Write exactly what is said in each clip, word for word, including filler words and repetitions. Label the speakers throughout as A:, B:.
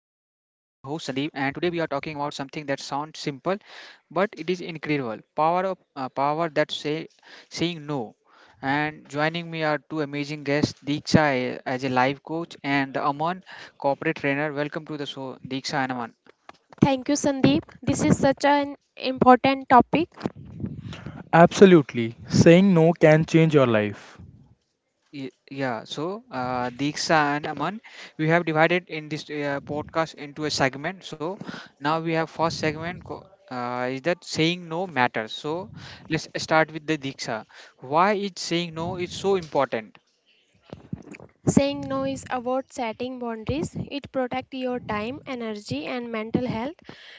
A: host Sandeep and today we are talking about something that sounds simple but it is incredible. Power of uh, power that say saying no. And joining me are two amazing guests, Deeksha eh, as a life coach and Aman corporate trainer. Welcome to the show Deeksha and Aman.
B: Thank you, Sandeep. This is such an important topic.
C: Absolutely. Saying no can change your life.
A: Y- Yeah, so uh, Diksha and Aman, we have divided in this uh, podcast into a segment. So now we have first segment co- uh, is that saying no matters. So let's start with the Diksha. Why is saying no is so important?
B: Saying no is about setting boundaries. It protects your time, energy, and mental health.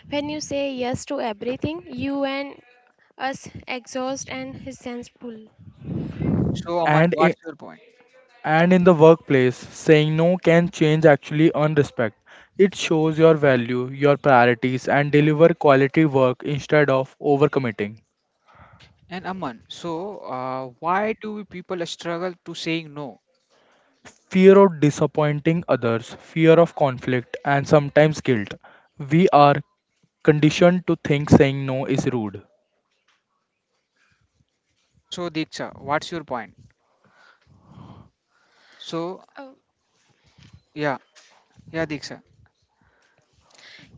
B: When you say yes to everything, you and us exhaust and resentful.
A: So Aman,
C: And i-
A: what's your point?
C: and in the workplace, saying no can change actually earn respect. It shows your value, your priorities and deliver quality work instead of overcommitting.
A: And Aman, so uh, why do people struggle to saying no?
C: Fear of disappointing others, fear of conflict and sometimes guilt. We are conditioned to think saying no is rude.
A: So Diksha, what's your point? So
B: Oh,
A: yeah, yeah, Diksha.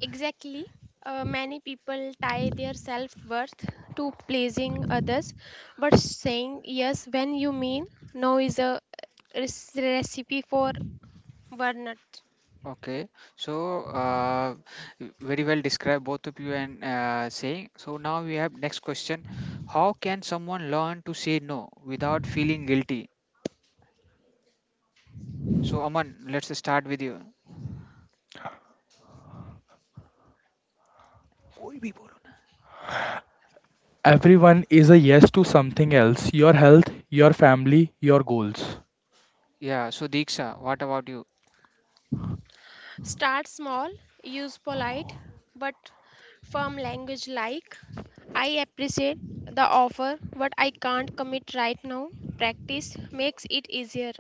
B: exactly. Uh, many people tie their self worth to pleasing others, but saying yes when you mean no is a rec- recipe for burnout.
A: Okay, so uh, very well described both of you and uh, saying. So now we have next question: How can someone learn to say no without feeling guilty? So Aman, let's start with you. कोई भी बोलो ना.
C: Everyone is a yes to something else, your health, your family, your goals.
A: Yeah. So Diksha, what about you?
B: Start small, use polite but firm language like I appreciate the offer but I can't commit right now. Practice makes it easier.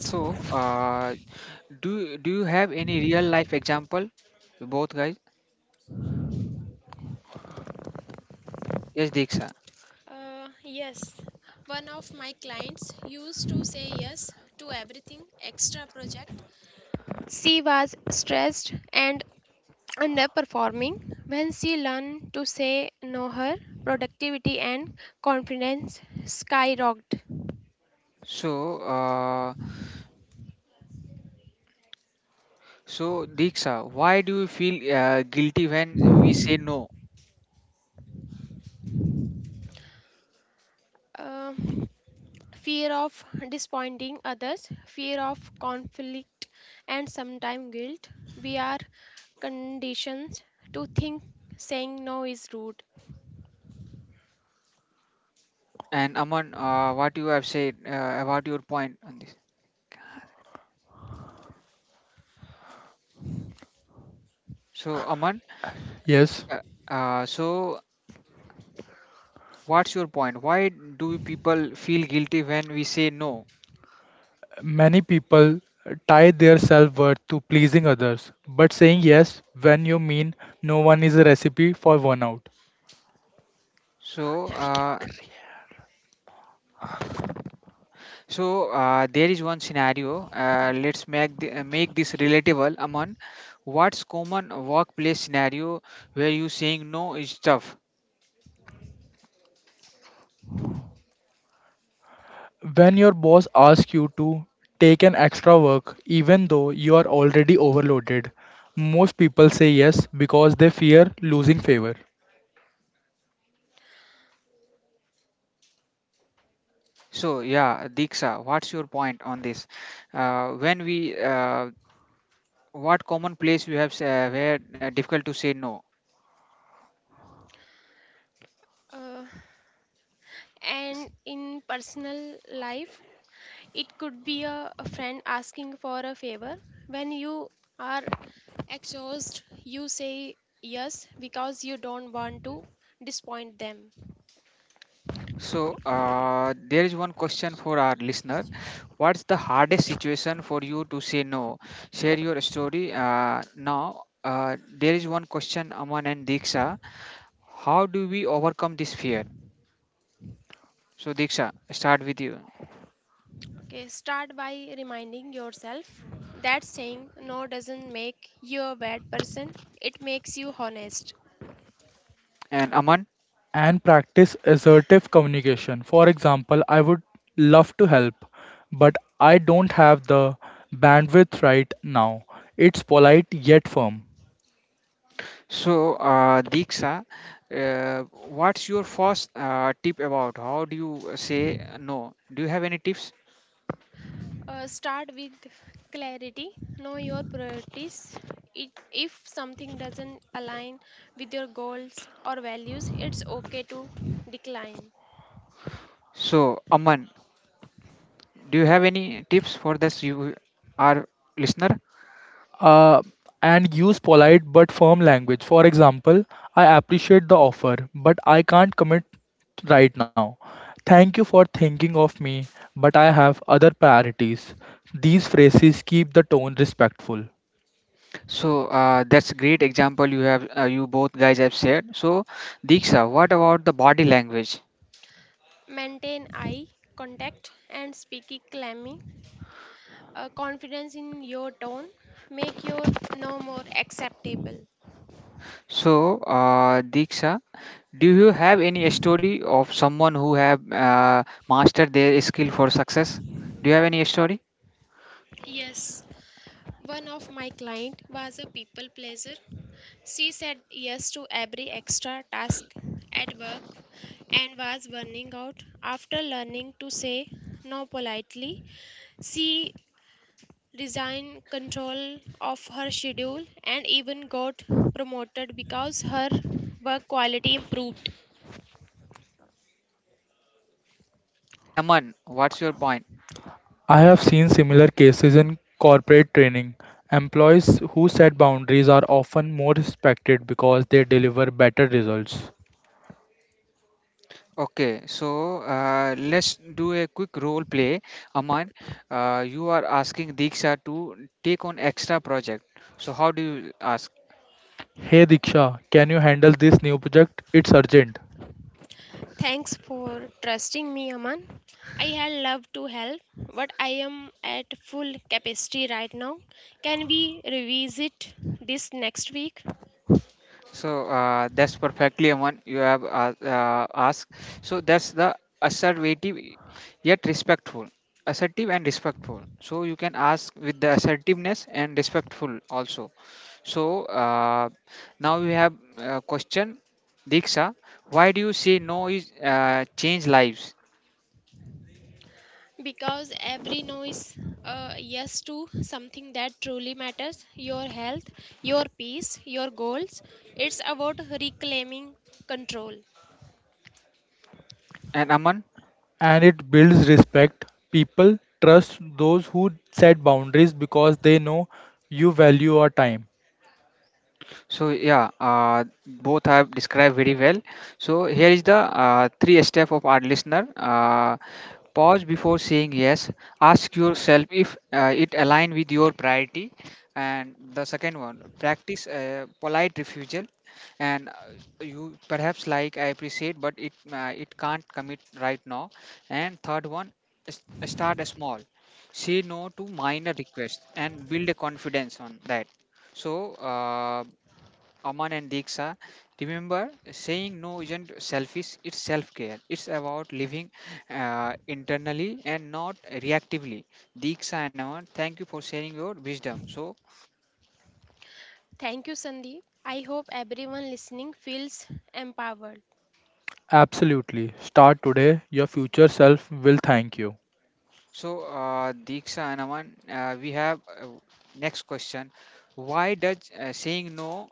A: So uh, do do you have any real life example, both guys? Yes, Diksha.
B: Uh, yes, one of my clients used to say yes to everything extra project. She was stressed and underperforming. When she learned to say no, her productivity and confidence skyrocketed.
A: So uh, so Diksha, why do you feel uh, guilty when we say no?
B: Uh, Fear of disappointing others, fear of conflict, and sometimes guilt. We are conditioned to think saying no is rude.
A: And Aman, uh, what you have said uh, about your point on this. So Aman,
C: Yes.
A: uh, uh, so what's your point? Why do people feel guilty when we say no?
C: Many people tie their self worth to pleasing others, but saying yes when you mean no one is a recipe for burnout.
A: So
C: यार, क्या
A: uh,
C: कर रही
A: so uh, there is one scenario. Uh, let's make the, uh, make this relatable, Aman. What's common workplace scenario where you saying no is tough?
C: है? When your boss asks you to take an extra work, even though you are already overloaded, most people say yes because they fear losing favor.
A: So yeah, Diksha, what's your point on this? Uh, when we uh, what common place we have s- uh, where uh, difficult to say no?
B: Uh, and in personal life, it could be a, a friend asking for a favor. When you are exhausted, you say yes because you don't want to disappoint them.
A: So, uh, there is one question for our listener. What's the hardest situation for you to say no? Share your story. Uh, now, uh, there is one question, Aman and Diksha. How do we overcome this fear? So, Diksha, start with you.
B: Okay, start by reminding yourself that saying no doesn't make you a bad person, it makes you honest.
A: And Aman,
C: And practice assertive communication. For example, I would love to help, but I don't have the bandwidth right now. It's polite yet firm.
A: so uh, Diksha, uh, what's your first uh, tip about how do you say no? Do you have any tips?
B: Uh, start with clarity, know your priorities. It, if something doesn't align with your goals or values, it's okay to decline.
A: So, Aman, do you have any tips for this you, our listener?
C: uh, and use polite but firm language. For example, I appreciate the offer, but I can't commit right now. Thank you for thinking of me, but I have other priorities. These phrases keep the tone respectful.
A: So uh, that's a great example you have uh, you both guys have shared. So Diksha, what about the body language?
B: Maintain eye contact and speak calmly. Uh, confidence in your tone make your no more acceptable.
A: So uh, Diksha, do you have any story of someone who have uh, mastered their skill for success? Do you have any story?
B: Yes, one of my client was a people pleaser. She said yes to every extra task at work and was burning out. After learning to say no politely, she resigned control of her schedule and even got promoted because her work quality improved.
A: And Aman, what's your point?
C: I have seen similar cases in corporate training. Employees who set boundaries are often more respected because they deliver better results.
A: Okay, so uh, let's do a quick role play. Aman, uh, you are asking Diksha to take on extra project. So how do you ask?
C: Hey Diksha, can you handle this new project? It's urgent.
B: Thanks for trusting me, Aman. I had loved to help, but I am at full capacity right now. Can we revisit this next week?
A: So uh, that's perfectly one you have uh, uh, asked. So that's the assertive yet respectful, assertive and respectful. So you can ask with the assertiveness and respectful also. So uh, now we have uh, question Diksha. Why do you say no is uh, change lives?
B: Because every noise, uh, yes to something that truly matters your health, your peace, your goals. It's about reclaiming control.
A: And Aman.
C: And it builds respect. People trust those who set boundaries because they know you value your time.
A: So yeah, uh, both have described very well. So here is the uh, three step of our listener. Uh, pause before saying yes. Ask yourself if uh, it align with your priority. And the second one, practice uh, polite refusal. And uh, you perhaps like I appreciate, but it uh, it can't commit right now. And third one, s- start small. Say no to minor requests and build a confidence on that so uh, Aman and Diksha. Remember, saying no isn't selfish, it's self care. It's about living uh, internally and not reactively. Diksha and Aman, thank you for sharing your wisdom. So,
B: Thank you, Sandeep. I hope everyone listening feels empowered.
C: Absolutely. Start today. Your future self will thank you.
A: so uh, Diksha and Aman, uh, we have uh, next question. Why does uh, saying no?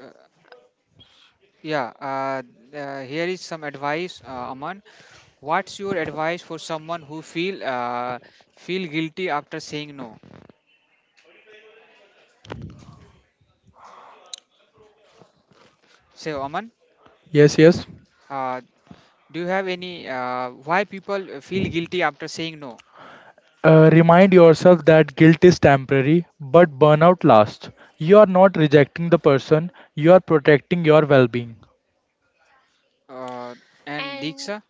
A: Uh, yeah, uh, uh, here is some advice, uh, Aman. What's your advice for someone who feel uh, feel guilty after saying no? So, Aman.
C: Yes, yes.
A: Uh, Do you have any uh, why people uh, feel guilty after saying no?
C: Uh, remind yourself that guilt is temporary, but burnout lasts. You are not rejecting the person, you are protecting your well being.
A: Uh, and
B: And
A: Diksha,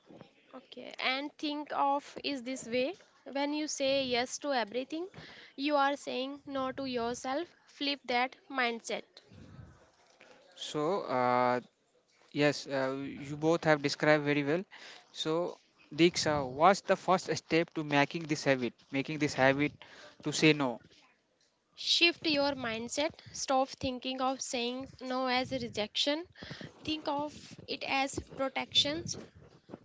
B: okay, and think of is this way. When you say yes to everything, you are saying no to yourself. Flip that mindset.
A: so uh, yes, uh, you both have described very well. So Diksha, what's the first step to making this habit? Making this habit to say no.
B: Shift your mindset. Stop thinking of saying no as a rejection. Think of it as protections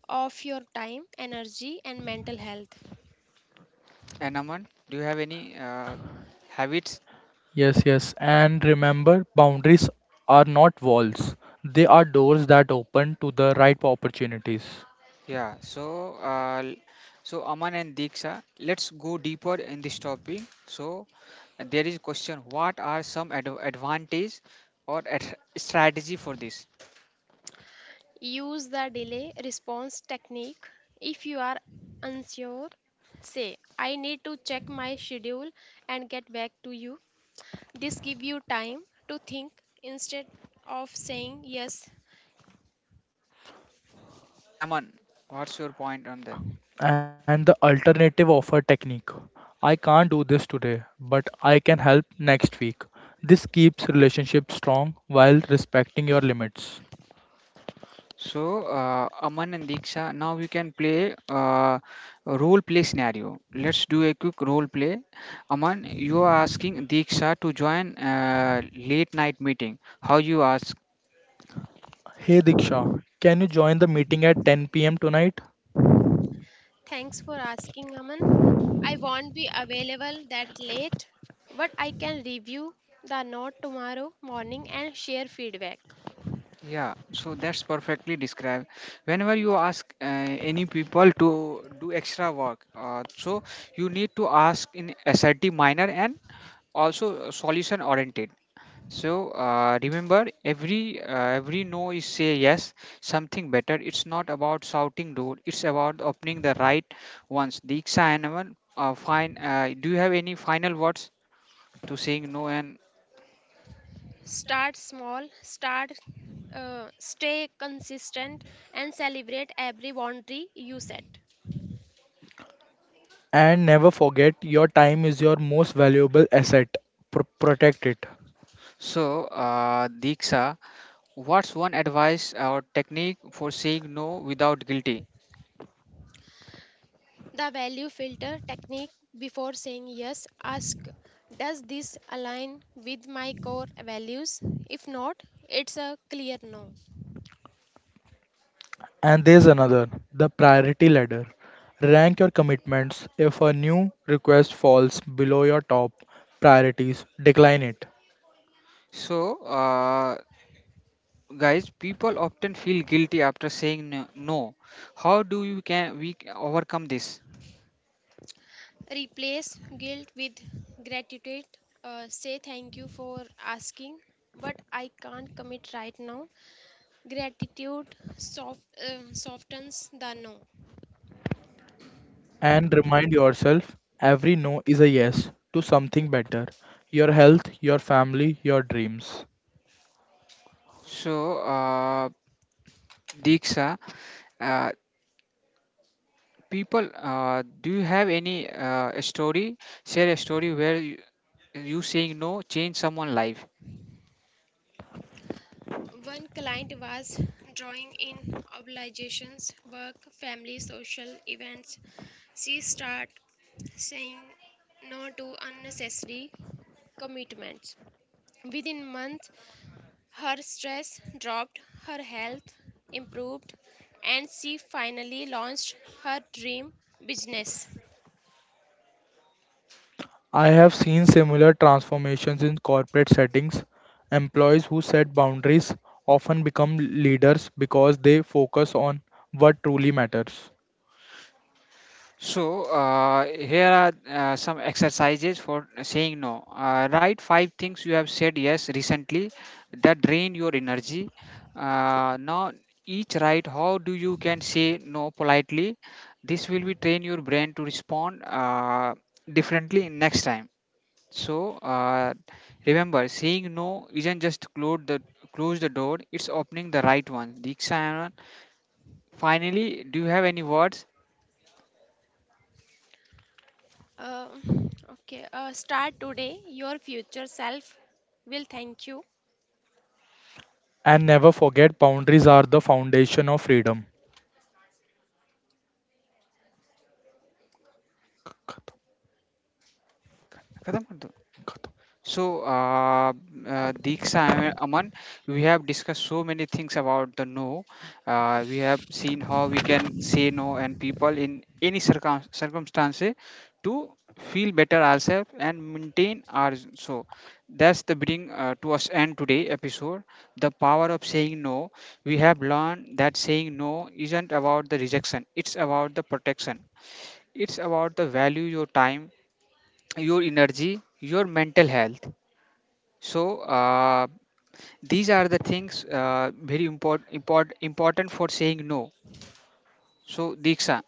B: of your time, energy, and mental health.
A: And Aman, do you have any uh, habits?
C: Yes, yes. And remember, boundaries are not walls, they are doors that open to the right opportunities.
A: Yeah. So uh, l- so Aman and Diksha, let's go deeper in this topic. So there is question: What are some ad- advantage or ad- strategy for this?
B: Use the delay response technique. If you are unsure, say, I need to check my schedule and get back to you. This give you time to think instead of saying yes,
A: And Aman, what's your point on that?
C: And the alternative offer technique. I can't do this today, but I can help next week. This keeps relationships strong while respecting your limits.
A: So, uh, Aman and Diksha, now we can play uh, a role play scenario. Let's do a quick role play. Aman, you are asking Diksha to join uh, late night meeting. How you ask?
C: Hey Diksha, can you join the meeting at ten p m tonight?
B: thanks for asking Aman. I won't be available that late, but I can review the note tomorrow morning and share feedback.
A: Yeah, so that's perfectly described. Whenever you ask uh, any people to do extra work, uh, so you need to ask in assertive manner and also solution oriented. So uh, remember, every uh, every no is say yes, something better. It's not about shouting door. It's about opening the right ones. Diksha and Aman, uh, fine. Uh, do you have any final words to saying no? And
B: Start small, start uh, Stay consistent and celebrate every boundary you set.
C: And never forget your time is your most valuable asset. Pr- protect it.
A: so uh, Diksha, what's one advice or technique for saying no without guilty?
B: The value filter technique before saying yes, ask does this align with my core values? If not, it's a clear no.
C: And there's another the priority ladder. Rank your commitments. If a new request falls below your top priorities, decline it.
A: So uh, guys, people often feel guilty after saying no. no. How do you can we overcome this?
B: Replace guilt with gratitude. Uh, say thank you for asking, but I can't commit right now. Gratitude soft, uh, Softens the no.
C: And remind yourself every no is a yes to something better your health, your family, your dreams.
A: So uh, Diksha. Uh, People, uh, do you have any uh, a story? Share a story where you, you saying no change someone's life.
B: One client was drawing in obligations, work, family, social events. She started saying no to unnecessary commitments. Within months, her stress dropped, her health improved, and she finally launched her dream business.
C: I have seen similar transformations in corporate settings. Employees who set boundaries often become leaders because they focus on what truly matters.
A: So uh, here are uh, some exercises for saying no. Uh, write five things you have said yes recently that drain your energy. Uh, now each write how do you can say no politely. This will be train your brain to respond uh, differently next time. So uh, remember, saying no isn't just close the close the door; it's opening the right one. Diksha, finally, do you have any words?
B: Uh, okay, uh, Start today. Your future self will thank you.
C: And never forget, boundaries are the foundation of freedom.
A: खत्म कर दो। So, uh, uh, Diksha and Aman, we have discussed so many things about the no. Uh, we have seen how we can say no and people in any circum- circumstances to feel better ourselves and maintain our. So, that's the bring uh, to us end today episode. The power of saying no. We have learned that saying no isn't about the rejection. It's about the protection. It's about the value your time, your energy, your mental health so uh, these are the things uh, very important import, important for saying no. So Diksha.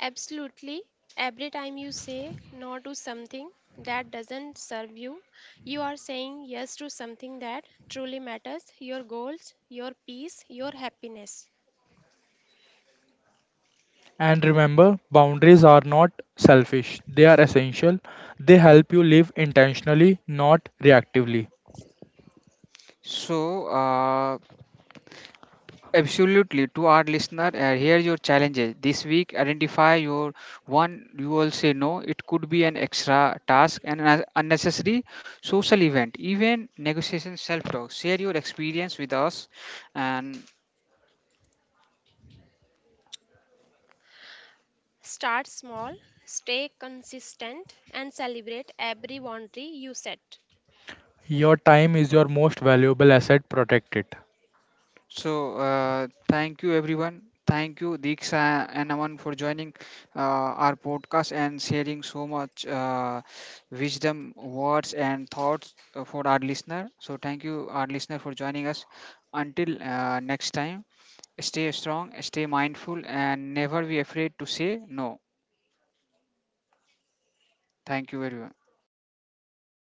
B: Absolutely. Every time you say no to something that doesn't serve you, you are saying yes to something that truly matters your goals, your peace, your happiness.
C: And remember, boundaries are not selfish, they are essential. They help you live intentionally, not reactively.
A: So uh, absolutely to our listener, uh, here your challenges this week. Identify your one you will say no. It could be an extra task and an unnecessary social event, even negotiation, self-talk. Share your experience with us, and
B: Start small, stay consistent, and celebrate every boundary you set.
C: Your time is your most valuable asset. Protect it.
A: so, uh, thank you everyone. Thank you, Diksha and Aman, for joining uh, our podcast and sharing so much uh, wisdom, words, and thoughts uh, for our listener. So, thank you, our listener, for joining us. Until uh, next time, stay strong, stay mindful, and never be afraid to say no. Thank you, everyone.